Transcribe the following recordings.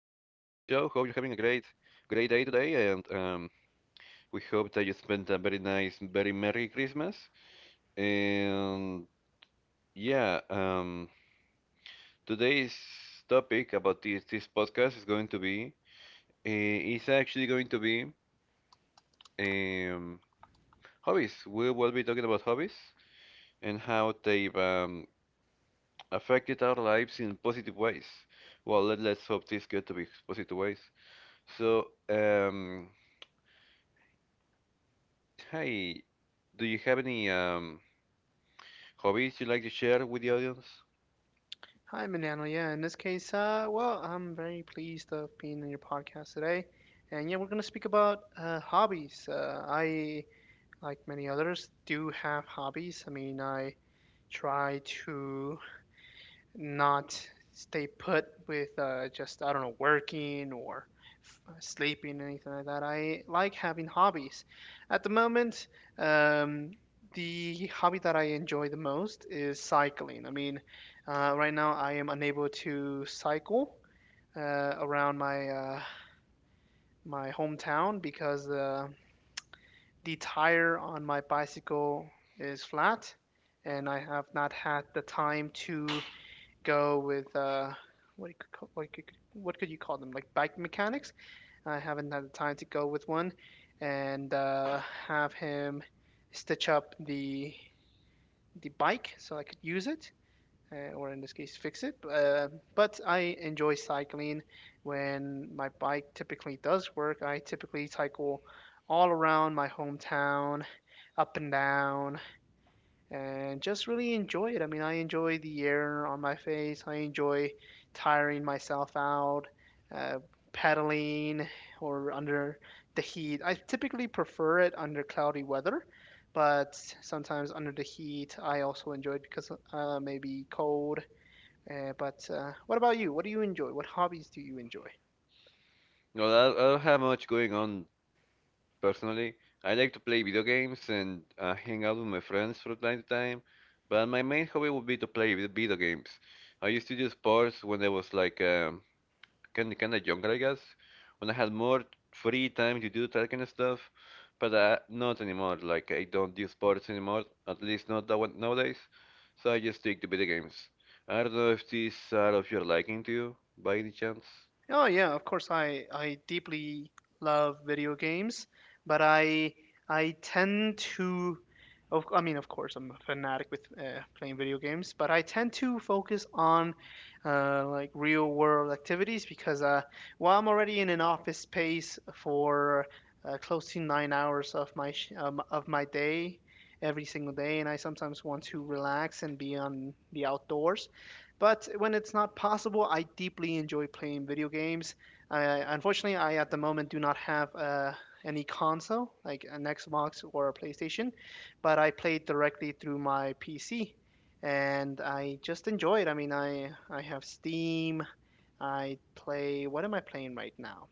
great day today, and we hope that you spent a very nice, very merry Christmas. And yeah, um, today's topic about this podcast is going to be uh, is actually going to be um, hobbies. We will be talking about hobbies and how they've affected our lives in positive ways. Well, let's hope this get to be positive ways. So, um, hey, do you have any hobbies you like to share with the audience? Hi, Manano. Yeah, in this case, well, I'm very pleased of being on your podcast today, and yeah, we're gonna speak about hobbies. I, like many others, do have hobbies. I mean, I try to not stay put with just I don't know working or sleeping anything like that. I like having hobbies. At the moment, um, the hobby that I enjoy the most is cycling. I mean, right now I am unable to cycle around my my hometown because the tire on my bicycle is flat, and I have not had the time to go with what you could call, what could you call them, like bike mechanics. I haven't had the time to go with one and have him stitch up the bike so I could use it or in this case fix it. But I enjoy cycling when my bike typically does work. I typically cycle all around my hometown, up and down, and just really enjoy it. I mean, I enjoy the air on my face. I enjoy tiring myself out, uh, paddling, or under the heat. I typically prefer it under cloudy weather, but sometimes under the heat, I also enjoy it because maybe cold. But what about you? What do you enjoy? What hobbies do you enjoy? No, I don't have much going on personally. I like to play video games and hang out with my friends from time to time, but my main hobby would be to play video games. I used to do sports when I was like kind of younger, I guess, when I had more free time to do that kind of stuff. But not anymore. Like I don't do sports anymore. At least not that one nowadays. So I just stick to video games. I don't know if these are of your liking to you, by any chance. Oh yeah, of course I deeply love video games, but I tend to of I mean of course I'm a fanatic with playing video games, but I tend to focus on like real world activities because while I'm already in an office space for close to 9 hours of my of my day every single day, and I sometimes want to relax and be on the outdoors. But when it's not possible, I deeply enjoy playing video games. I, unfortunately, I at the moment do not have any console, like an Xbox or a PlayStation, but I play it directly through my PC. And I just enjoy it. I mean, I have Steam. I play. What am I playing right now?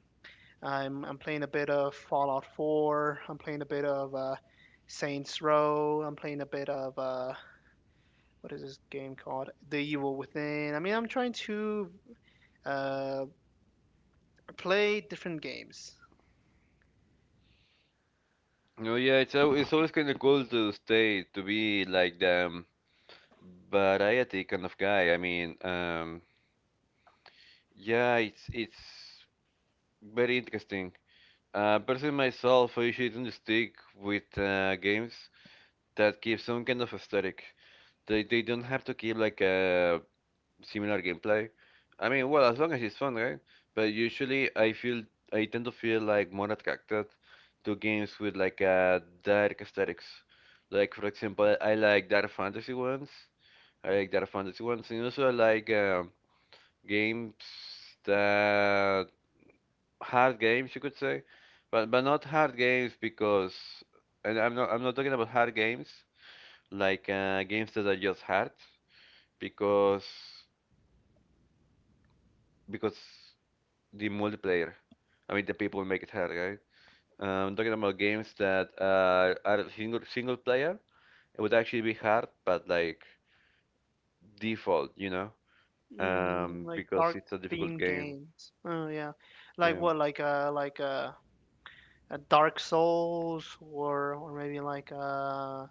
I'm playing a bit of Fallout 4. I'm playing a bit of Saints Row. I'm playing a bit of what is this game called? The Evil Within. I mean, I'm trying to uh, play different games, No, yeah, it's always kind of cool to stay to be like the variety kind of guy. I mean, yeah, it's very interesting. Personally myself, I usually tend to stick with games. That gives some kind of aesthetic. They don't have to give like a similar gameplay. I mean, well, as long as it's fun, right? But usually, I tend to feel like more attracted to games with like a dark aesthetics. Like for example, I like dark fantasy ones. I like dark fantasy ones, and also I like games that hard games, you could say, but not hard games because, and I'm not talking about hard games like games that are just hard because because the multiplayer. I mean, the people make it hard, right? Talking about games that are single player, it would actually be hard, but like default, you know, mm, like because dark it's a difficult themed game. games. Oh yeah, like Yeah, what? Like Dark Souls, or maybe like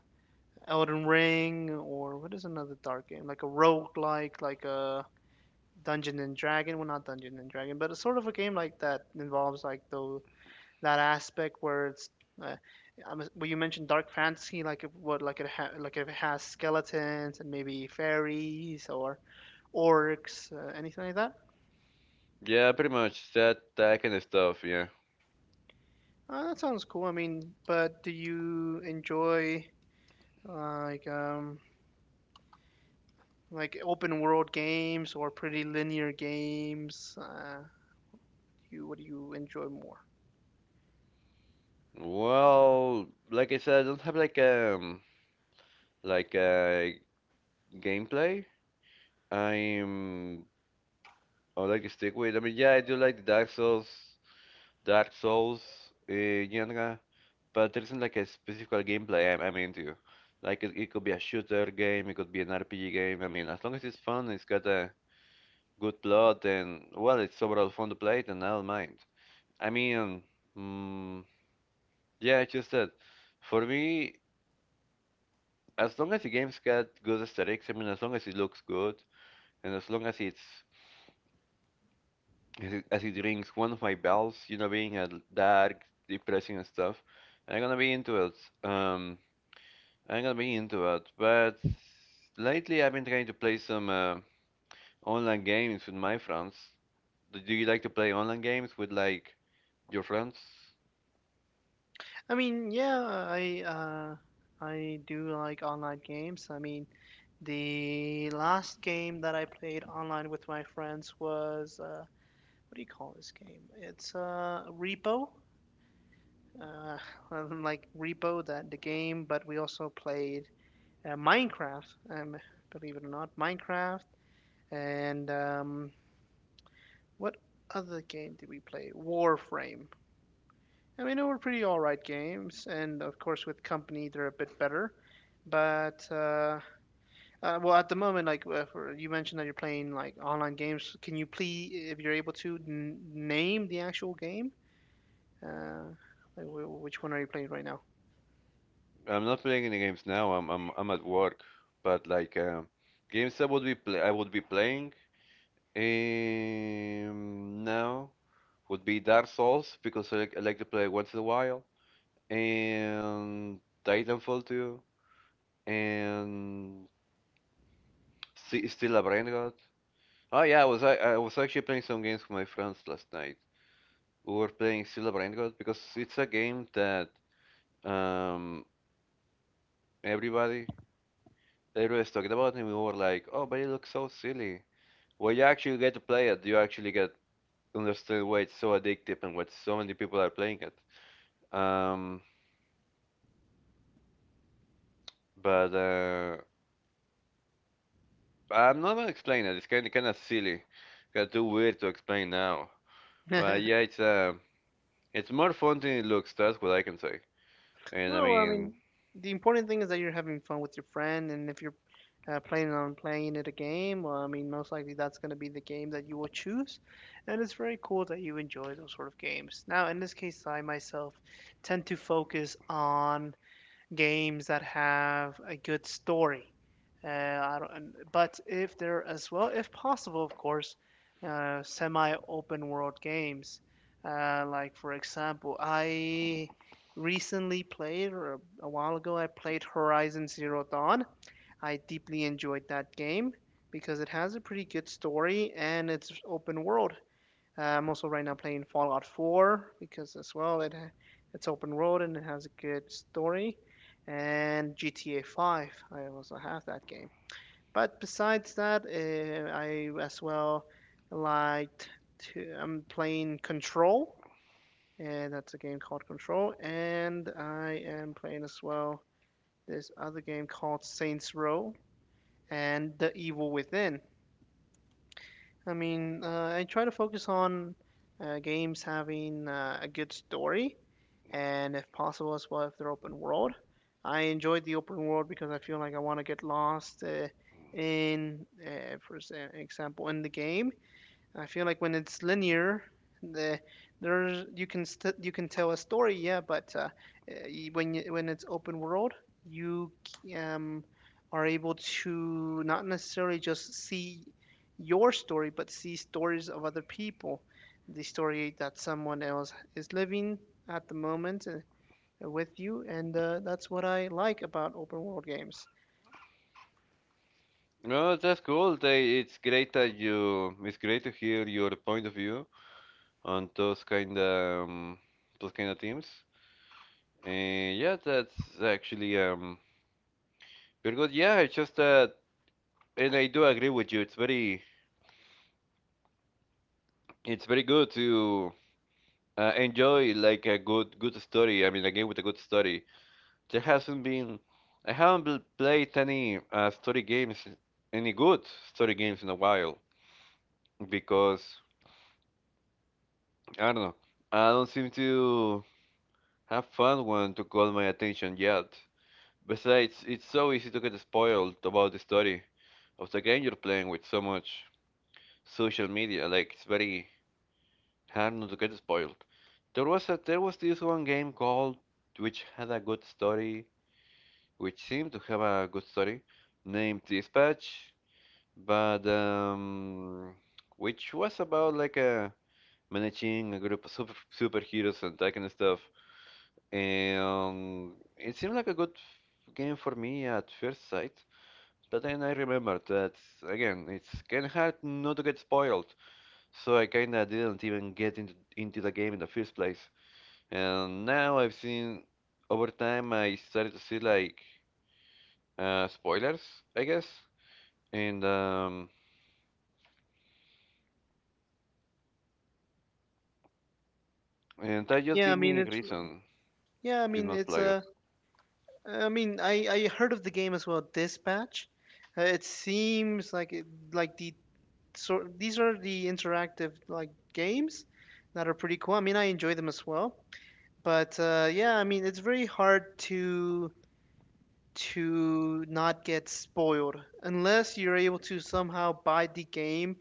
Elden Ring, or what is another dark game? Like a roguelike, like a Dungeon and Dragon. Well, not Dungeon and Dragon, but it's sort of a game like that involves like those that aspect where it's uh, well, you mentioned dark fantasy, like it would, like if it has skeletons and maybe fairies or orcs, anything like that. yeah, pretty much that kind of stuff. Yeah. That sounds cool. I mean, but do you enjoy like like open world games or pretty linear games? You what do you enjoy more? Well, like I said, I don't have like a gameplay. I'm I like to stick with. I mean, yeah, I do like the Dark Souls genre, but there isn't like a specific gameplay I'm into. Like it could be a shooter game, it could be an RPG game. I mean, as long as it's fun, it's got a good plot, and well, it's overall fun to play it, and I don't mind. I mean, mm, yeah, it's just that for me, as long as the game's got good aesthetics, I mean, as long as it looks good, and as as it drinks one of my bells, you know, being a dark, depressing and stuff. I'm gonna be into it. Um, I'm gonna be into it. But lately, I've been trying to play some online games with my friends. Do you like to play online games with like your friends? I mean, yeah, I do like online games. I mean, the last game that I played online with my friends was what do you call this game? It's Repo, uh, like Repo, that the game. But we also played Minecraft. Believe it or not, Minecraft. And what other game did we play? Warframe. I mean, they were pretty all right games, and of course with company they're a bit better. But well, at the moment, you mentioned that you're playing like online games. Can you please, if you're able to, n name the actual game? Uh, which one are you playing right now? I'm not playing any games now. I'm at work. But like games I would be play I would be playing now would be Dark Souls because I like to play once in a while. And Titanfall 2, and Still a Brain God. Oh yeah, I was actually playing some games with my friends last night. We were playing Still a Brain God because it's a game that um everybody everybody's talking about, and we were like, oh, but it looks so silly. When you actually get to play it, you actually get understand why it's so addictive and why so many people are playing it. Um, but I'm not gonna explain it. It's kind of silly, kind of too weird to explain now. But yeah, it's more fun than it looks. That's what I can say. And I No, well, I mean, mean, the important thing is that you're having fun with your friend, and if you're planning on playing it a game, well, I mean, most likely that's going to be the game that you will choose. And it's very cool that you enjoy those sort of games. Now, in this case, I myself tend to focus on games that have a good story. I don't, and- But if there as well, if possible, of course, semi-open world games. Like for example, I recently played, or a while ago, I played Horizon Zero Dawn. I deeply enjoyed that game because it has a pretty good story and it's open world. I'm also right now playing Fallout 4 because as well it's open world and it has a good story. And GTA 5, I also have that game. But besides that, I as well liked to I'm playing Control, and that's a game called Control. And I am playing as well this other game called Saints Row and The Evil Within. I mean, I try to focus on games having a good story, and if possible, as well if they're open world. I enjoyed the open world because I feel like I want to get lost example, in the game. I feel like when it's linear, the there's you can you can tell a story, yeah, but when you, when it's open world, you are able to not necessarily just see your story, but see stories of other people, the story that someone else is living at the moment with you, and that's what I like about open world games. no, that's cool. They, it's great that you. It's great to hear your point of view on those kind of teams. And yeah, that's actually very good. Yeah, it's just that, and I do agree with you. It's very good to enjoy like a good story. I mean, a game with a good story. There hasn't been. I haven't played any story games, any good story games in a while because I don't know. I don't seem to have found one to call my attention yet. Besides, it's so easy to get spoiled about the story of the game you're playing with so much social media. Like it's very hard not to get spoiled. There was this one game called which had a good story, which seemed to have a good story, named Dispatch. But Which was about like managing a group of superheroes and that kind of stuff. And it seemed like a good game for me at first sight, but then I remembered that again, it's kind of hard not to get spoiled, so I kind of didn't even get into the game in the first place. And now I've seen over time I started to see like spoilers, I guess, and um, and that just Yeah, I gave mean me it's reason. yeah, I Did mean not it's play it. a I mean, I heard of the game as well, Dispatch. It seems like it, like the sort these are the interactive like games that are pretty cool. I mean, I enjoy them as well. But Yeah, I mean, it's very hard to not get spoiled unless you're able to somehow buy the game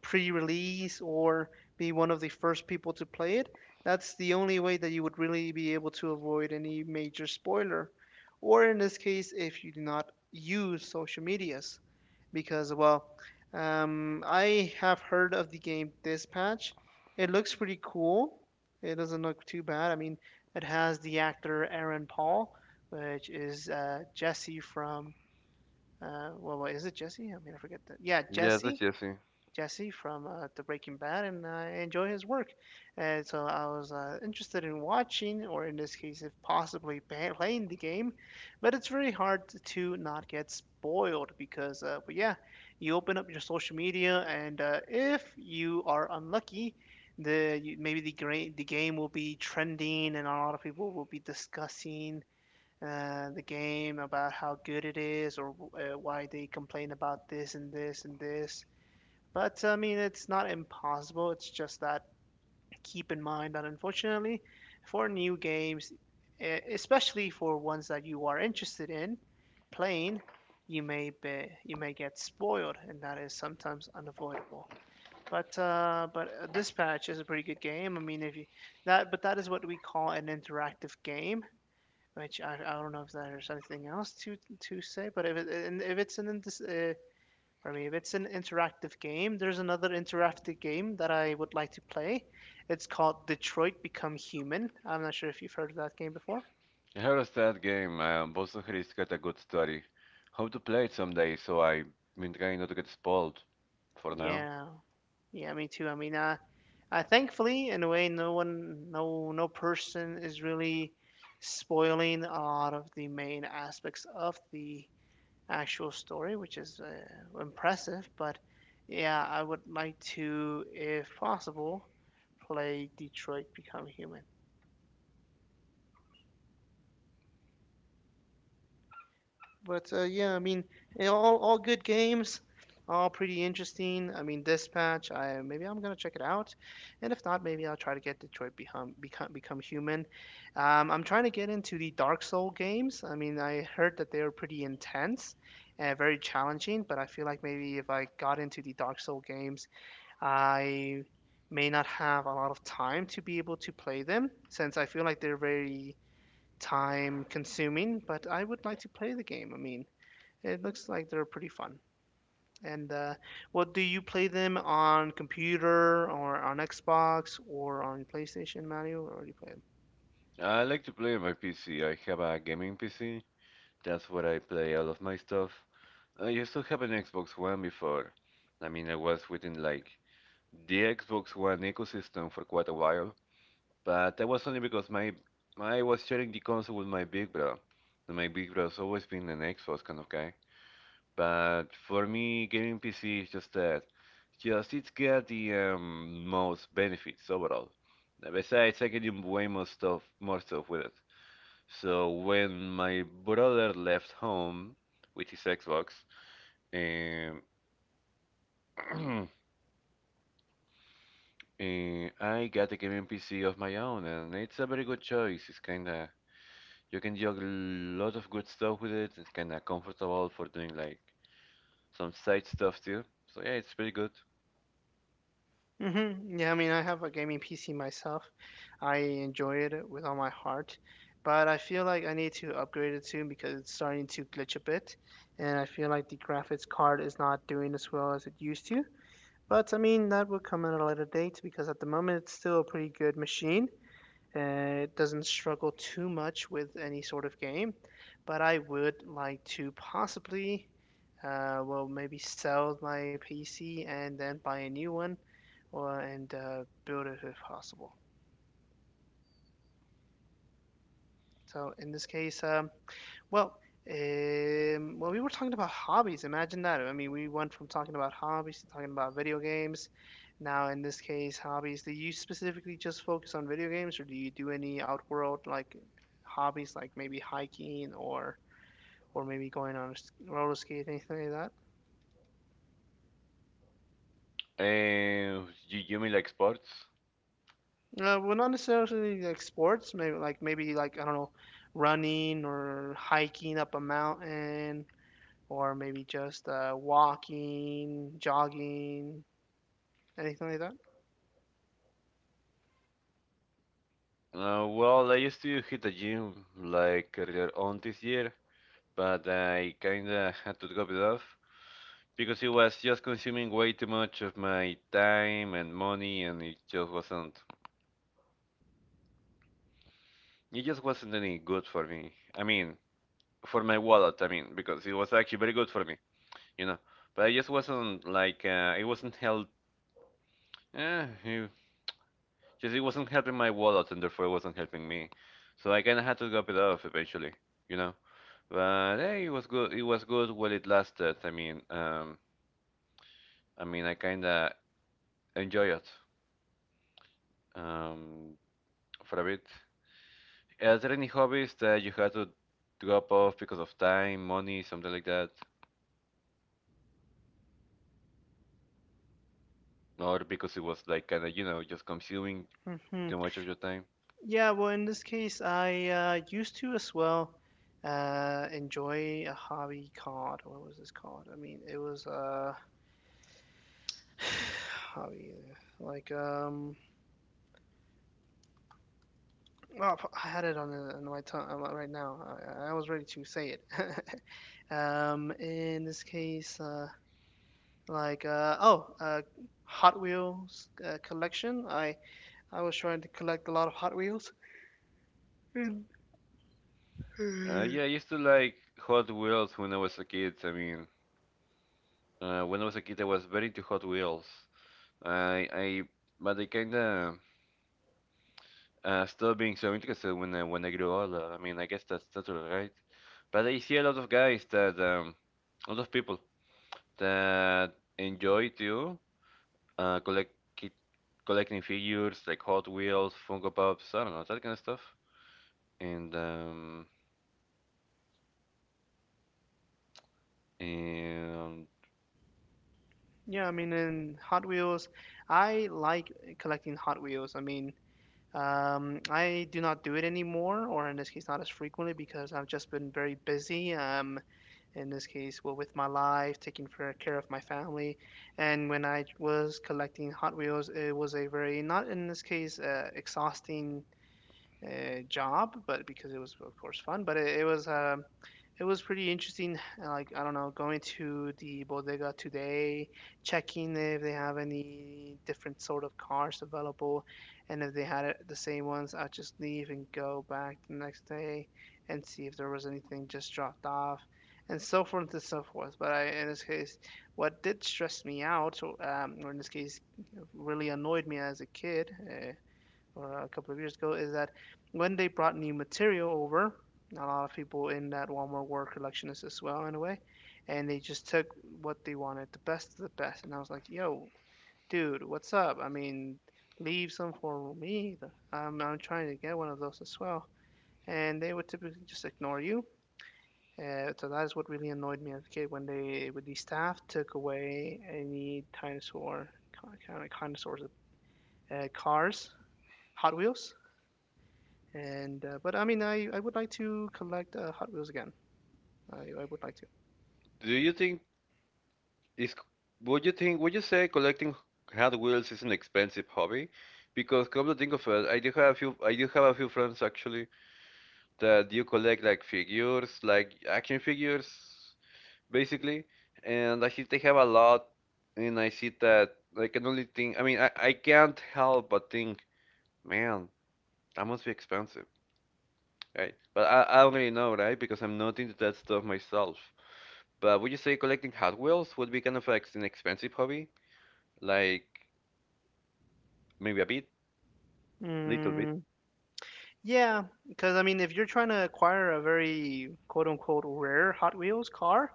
pre-release or be one of the first people to play it. That's the only way that you would really be able to avoid any major spoiler, or in this case if you do not use social medias. Because well, I have heard of the game Dispatch. It looks pretty cool. It doesn't look too bad. I mean, it has the actor Aaron Paul, which is Jesse from well, what is it Jesse? I mean, I forget that. Yeah, Yeah, that's Jesse Jesse. Jesse from the Breaking Bad, and I enjoy his work. And so I was interested in watching, or in this case, if possibly playing the game. But it's very hard to not get spoiled because, but yeah, you open up your social media, and if you are unlucky, the you, maybe the gra- the game will be trending, and a lot of people will be discussing. The game about how good it is, or why they complain about this and this and this. But I mean, it's not impossible. It's just that keep in mind that unfortunately, for new games, especially for ones that you are interested in playing, you may get spoiled, and that is sometimes unavoidable. But This patch is a pretty good game. I mean, if you that but that is what we call an interactive game, which I don't know if there's anything else to say. But if it, and if it's an in- for me. If it's an interactive game, there's another interactive game that I would like to play. It's called Detroit Become Human. I'm not sure if you've heard of that game before. I heard a that game. Boston Heroes got a good story. Hope to play it someday, so I've been trying not to get spoiled. For now, Yeah, yeah, me too. I mean, I thankfully, in a way, no one, no, no person is really spoiling a lot of the main aspects of the actual story, which is impressive. But yeah, I would like to, if possible, play Detroit Become Human. But Yeah, I mean, all good games, all pretty interesting. I mean, Dispatch, I maybe I'm gonna check it out, and if not, maybe I'll try to get Detroit Become Human. I'm trying to get into the Dark Soul games. I mean, I heard that they were pretty intense and very challenging, but I feel like maybe if I got into the Dark Soul games, I may not have a lot of time to be able to play them since I feel like they're very time consuming, but I would like to play the game. I mean. It looks like they're pretty fun. And Well, do you play them on computer or on Xbox or on PlayStation, Mario, or do you play them? I like to play on my PC. I have a gaming PC. That's where I play all of my stuff. I used to have an Xbox One before. I mean, I was within like the Xbox One ecosystem for quite a while, but that was only because my I was sharing the console with my big bro. And my big bro's always been an Xbox kind of guy. But for me, gaming PC is just that. Just it's got the most benefits overall. Besides, I can do way more more stuff with it. So when my brother left home with his Xbox, um, I got a gaming PC of my own, and it's a very good choice. It's kinda you can do a lot of good stuff with it. It's kinda comfortable for doing like some side stuff too. So yeah, it's pretty good. Yeah, I mean, I have a gaming PC myself. I enjoy it with all my heart, but I feel like I need to upgrade it soon because it's starting to glitch a bit, and I feel like the graphics card is not doing as well as it used to. But I mean, that would come at a later date because at the moment it's still a pretty good machine. It doesn't struggle too much with any sort of game, but I would like to possibly, maybe sell my PC and then buy a new one, or and build it if possible. So in this case, Well, we were talking about hobbies. Imagine that. I mean, we went from talking about hobbies to talking about video games. Now, in this case, hobbies. Do you specifically just focus on video games, or do you do any outworld like hobbies, like maybe hiking or maybe going on a roller skate, anything like You mean like sports? that? Well, not necessarily like sports. Maybe like I don't know, running or hiking up a mountain, or maybe just walking, jogging, anything like that. Well, I used to hit the gym like earlier on this year, but I kinda had to drop it off because it was just consuming way too much of my time and money, and it just wasn't any good for me. I mean, for my wallet, I mean, because it was actually very good for me, you know. But I just wasn't like, it wasn't health. Eh, it Just it wasn't helping my wallet, and therefore it wasn't helping me. So I kind of had to drop it off eventually, you know. But hey, it was good. It was good while it lasted. I mean, I kind of enjoy it um, for a bit. Are there any hobbies that you had to drop off because of time, money, something like that, or because it was like kind of you know just consuming Hmm. too much of your time? Yeah, well, in this case, I used to as well enjoy a hobby called, what was this called? I mean, it was hobby, well, I had it on, the, on my tongue right now. I was ready to say it. In this case, like, uh, oh, uh, Hot Wheels collection. I was trying to collect a lot of Hot Wheels. Yeah, I used to like Hot Wheels when I was a kid. I mean, when I was a kid, I was very into Hot Wheels. I But I kinda stop being so interested when when I grow older. I mean, I guess that's right. But I see a lot of guys that a lot of people that enjoy to uh, collect ki- collecting figures like Hot Wheels, Funko Pops, I don't know that kind of stuff. And um, and Yeah, I mean, in Hot Wheels, I like collecting Hot Wheels. I mean, I do not do it anymore, or in this case, not as frequently because I've just been very busy. In this case, well, with my life, taking fair care of my family, and when I was collecting Hot Wheels, it was a very not in this case exhausting job, but because it was of course fun, but it was it was pretty interesting. Like I don't know, going to the bodega today, checking if they have any different sort of cars available, and if they had it, the same ones, I'd just leave and go back the next day and see if there was anything just dropped off, and so forth and so forth. But I, in this case, what did stress me out, or in this case, really annoyed me as a kid. Or a couple of years ago is that when they brought new material over, a lot of people in that Walmart were collectionists as well in a way, and they just took what they wanted, the best of the best. And I was like, yo, dude, what's up? I mean, leave some for me. I'm trying to get one of those as well. And they would typically just ignore you. So that is what really annoyed me as a kid when they, with the staff took away any dinosaur, kind of dinosaurs, cars, Hot Wheels. And but I mean, I would like to collect Hot Wheels again. I would like to. do you think is would you say collecting Hot Wheels is an expensive hobby? Because come to think of it, I do have a few friends actually that you collect like figures, like action figures, basically. And I see they have a lot, and I see that I can only think. I mean, I can't help but think, man, that must be expensive, right? But I don't really know, right? Because I'm not into that stuff myself. But would you say collecting Hot Wheels would be kind of like an expensive hobby? Like maybe a bit, little bit. Mm, yeah, because I mean, if you're trying to acquire a very quote unquote rare Hot Wheels car,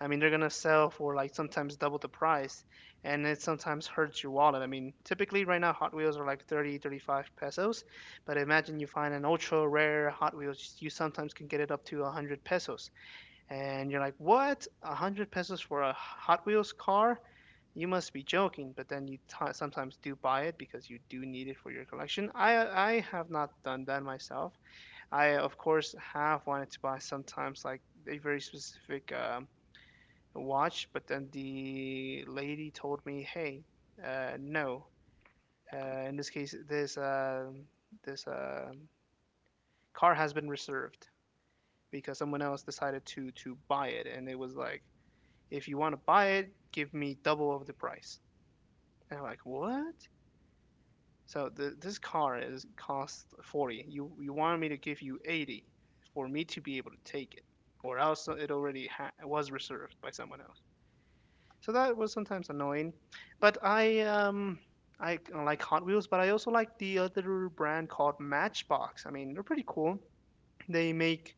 I mean, they're gonna sell for like sometimes double the price, and it sometimes hurts your wallet. I mean, typically right now Hot Wheels are like 30, 35 pesos, but imagine you find an ultra rare Hot Wheels, you sometimes can get it up to 100 pesos, and you're like, what? 100 pesos for a Hot Wheels car? You must be joking, but then you sometimes do buy it because you do need it for your collection. I have not done that myself. I of course have wanted to buy sometimes like a very specific watch, but then the lady told me, "Hey, no. In this case, this car has been reserved because someone else decided to buy it, and it was like, if you want to buy it, give me double of the price." And I'm like, "What?" So the, this car is cost 40. You wanted me to give you 80 for me to be able to take it, or else it already was reserved by someone else. So that was sometimes annoying. But I like Hot Wheels, but I also like the other brand called Matchbox. I mean, they're pretty cool. They make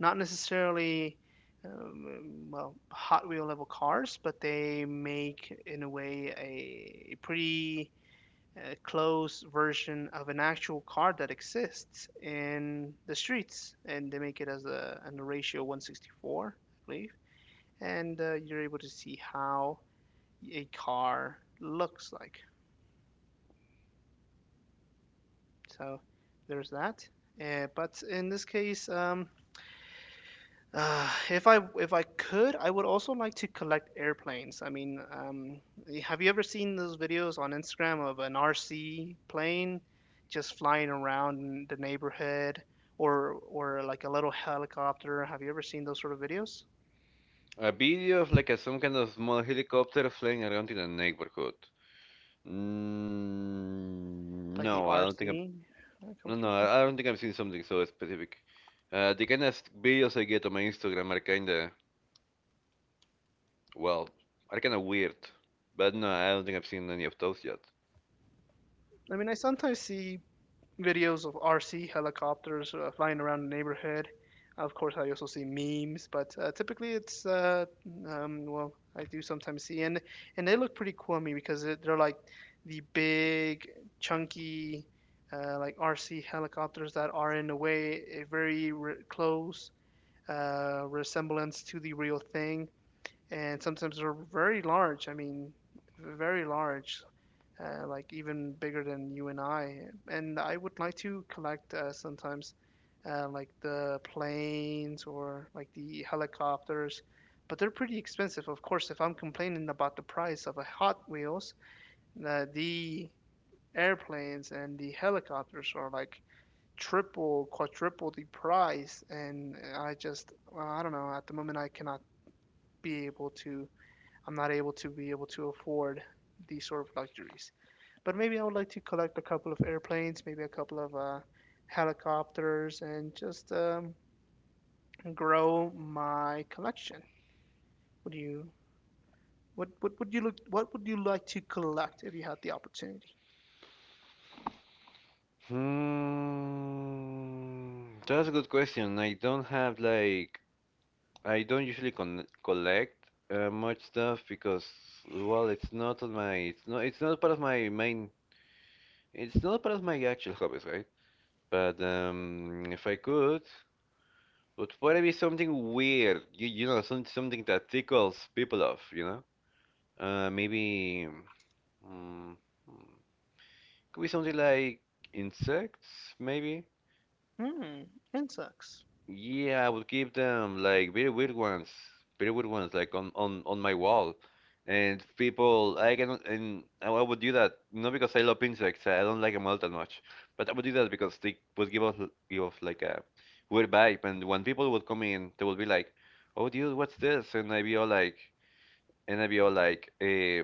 not necessarily well Hot Wheel level cars, but they make in a way a pretty a close version of an actual card that exists in the streets, and they make it as a, an ratio 164, I believe, and you're able to see how a car looks like. So there's that. But in this case, if I could, I would also like to collect airplanes. I mean, have you ever seen those videos on Instagram of an RC plane just flying around in the neighborhood, or like a little helicopter? Have you ever seen those sort of videos, A video of like some kind of small helicopter flying around in a neighborhood. Mm, like the no, I don't think I'm. RC No, no, helicopters? I I don't think I've seen something so specific. The kind of videos I get on my Instagram are kind of, well, are kind of weird. But no, I don't think I've seen any of those yet. I mean, I sometimes see videos of RC helicopters flying around the neighborhood. Of course, I also see memes, but typically it's well, I do sometimes see and they look pretty cool on me because it, they're like the big, chunky, like RC helicopters that are in a way a very close resemblance to the real thing, and sometimes they're very large. I mean, very large like even bigger than you and I. And I would like to collect sometimes like the planes or like the helicopters, but they're pretty expensive. Of course, if I'm complaining about the price of a Hot Wheels, the airplanes and the helicopters are like triple, quadruple the price. And I just, well, I don't know, at the moment I cannot be able to, I'm not able to be able to afford these sort of luxuries. But maybe I would like to collect a couple of airplanes, maybe a couple of helicopters, and just grow my collection. Would you? What would you look? What would you like to collect if you had the opportunity? Hmm, that's a good question. I don't have like, I don't usually con collect much stuff because, well, it's not part of it's not part of my actual hobbies, right? But if I could. Would probably be something weird, you know, some, something that tickles people off, you know? Maybe. mm, mm, could be something like insects, maybe? Hmm, insects. Yeah, I would keep them like very weird ones, like on on my wall. And people, I can, and I would do that not because I love insects. I don't like them all that much, but I would do that because they would give off like a weird vibe. And when people would come in, they would be like, "Oh, dude, what's this?" And I'd be all like, eh,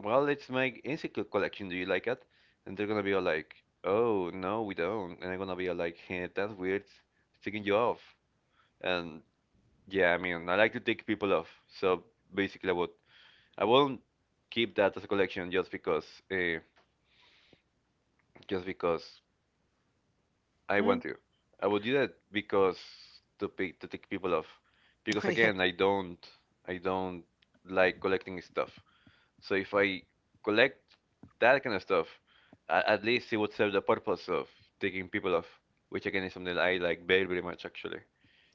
"Well, it's my insect collection. Do you like it?" And they're gonna be all like, "Oh, no, we don't." And I'm gonna be all like, hey, "That's weird. It's taking you off." And yeah, I mean, I like to take people off. So basically, I won't keep that as a collection uh, just because I Hmm. want to. I would do that because to take people off. Because Yeah, again, I don't like collecting stuff. So if I collect that kind of stuff, at least it would serve the purpose of taking people off, which again is something I like very much actually.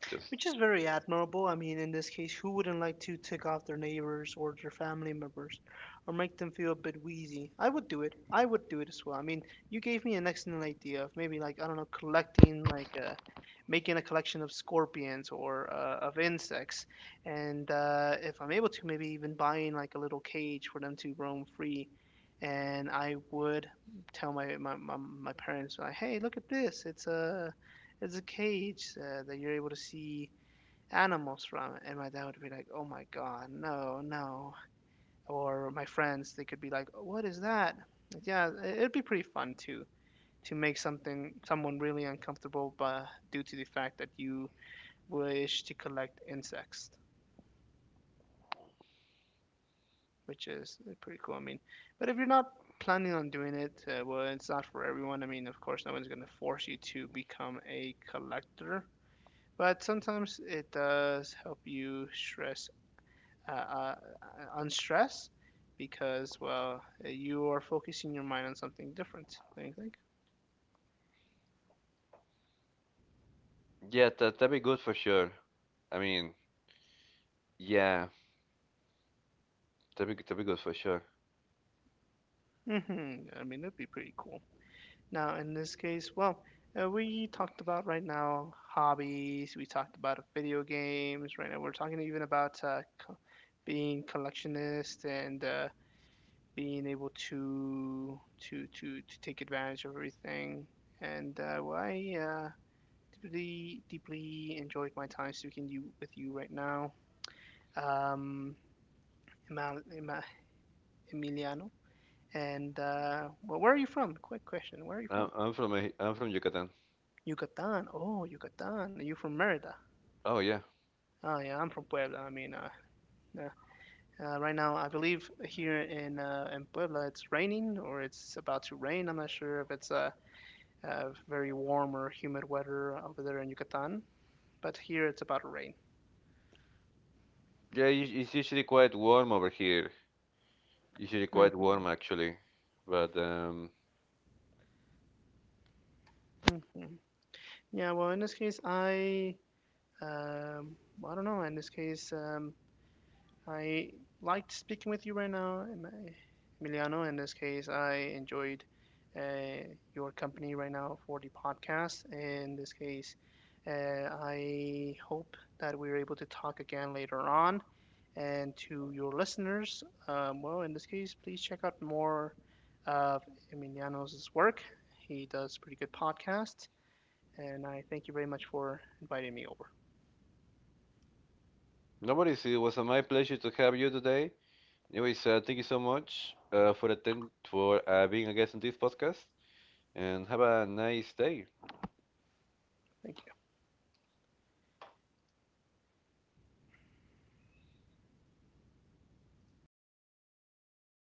Just which is very admirable. I mean, in this case, who wouldn't like to tick off their neighbors or their family members or make them feel a bit wheezy? I would do it. I would do it as well. I mean, you gave me an excellent idea of maybe, like, I don't know, collecting, like, making a collection of scorpions or of insects. And if I'm able to, maybe even buying, like, a little cage for them to roam free. And I would tell my, parents, like, hey, look at this. It's a cage that you're able to see animals from it. And my dad would be like, oh my God, no, no. Or my friends, they could be like, oh, what is that? Like, yeah, it'd be pretty fun to make something someone really uncomfortable, but due to the fact that you wish to collect insects, which is pretty cool. I mean, but if you're not planning on doing it, well, it's not for everyone. I mean, of course, no one's going to force you to become a collector, but sometimes it does help you stress uh, uh, on stress because, well, you are focusing your mind on something different, don't you think? yeah, that that'd be good for sure. I mean, yeah. That'd be good for sure. Hmm. I mean, that'd be pretty cool. Now, in this case, well, we talked about right now hobbies, we talked about video games, right now we're talking even about being collectionist and being able to take advantage of everything. And well, I deeply enjoyed my time speaking you with you right now. um, Emiliano. And where are you from? Quick question. Where are you from? I'm from I'm from Yucatan. Yucatan. Oh, Yucatan. Are you from Merida? Oh yeah, Oh, yeah, I'm from Puebla. I mean, yeah. Right now, I believe here in Puebla, it's raining or it's about to rain. I'm not sure if it's a very warm or humid weather over there in Yucatan, but here it's about to rain. yeah. It's usually quite warm over here. Usually quite Hmm. warm actually, but Hmm. Yeah, well, in this case, I, well, I don't know. In this case, I liked speaking with you right now, Emiliano. In this case, I enjoyed uh, your company right now for the podcast. In this case, I hope that we're able to talk again later on. And to your listeners, well, in this case, please check out more of Emiliano's work. He does pretty good podcasts, and I thank you very much for inviting me over. no worries. It was my pleasure to have you today. Anyways, thank you so much for being a guest on this podcast, and have a nice day. Thank you.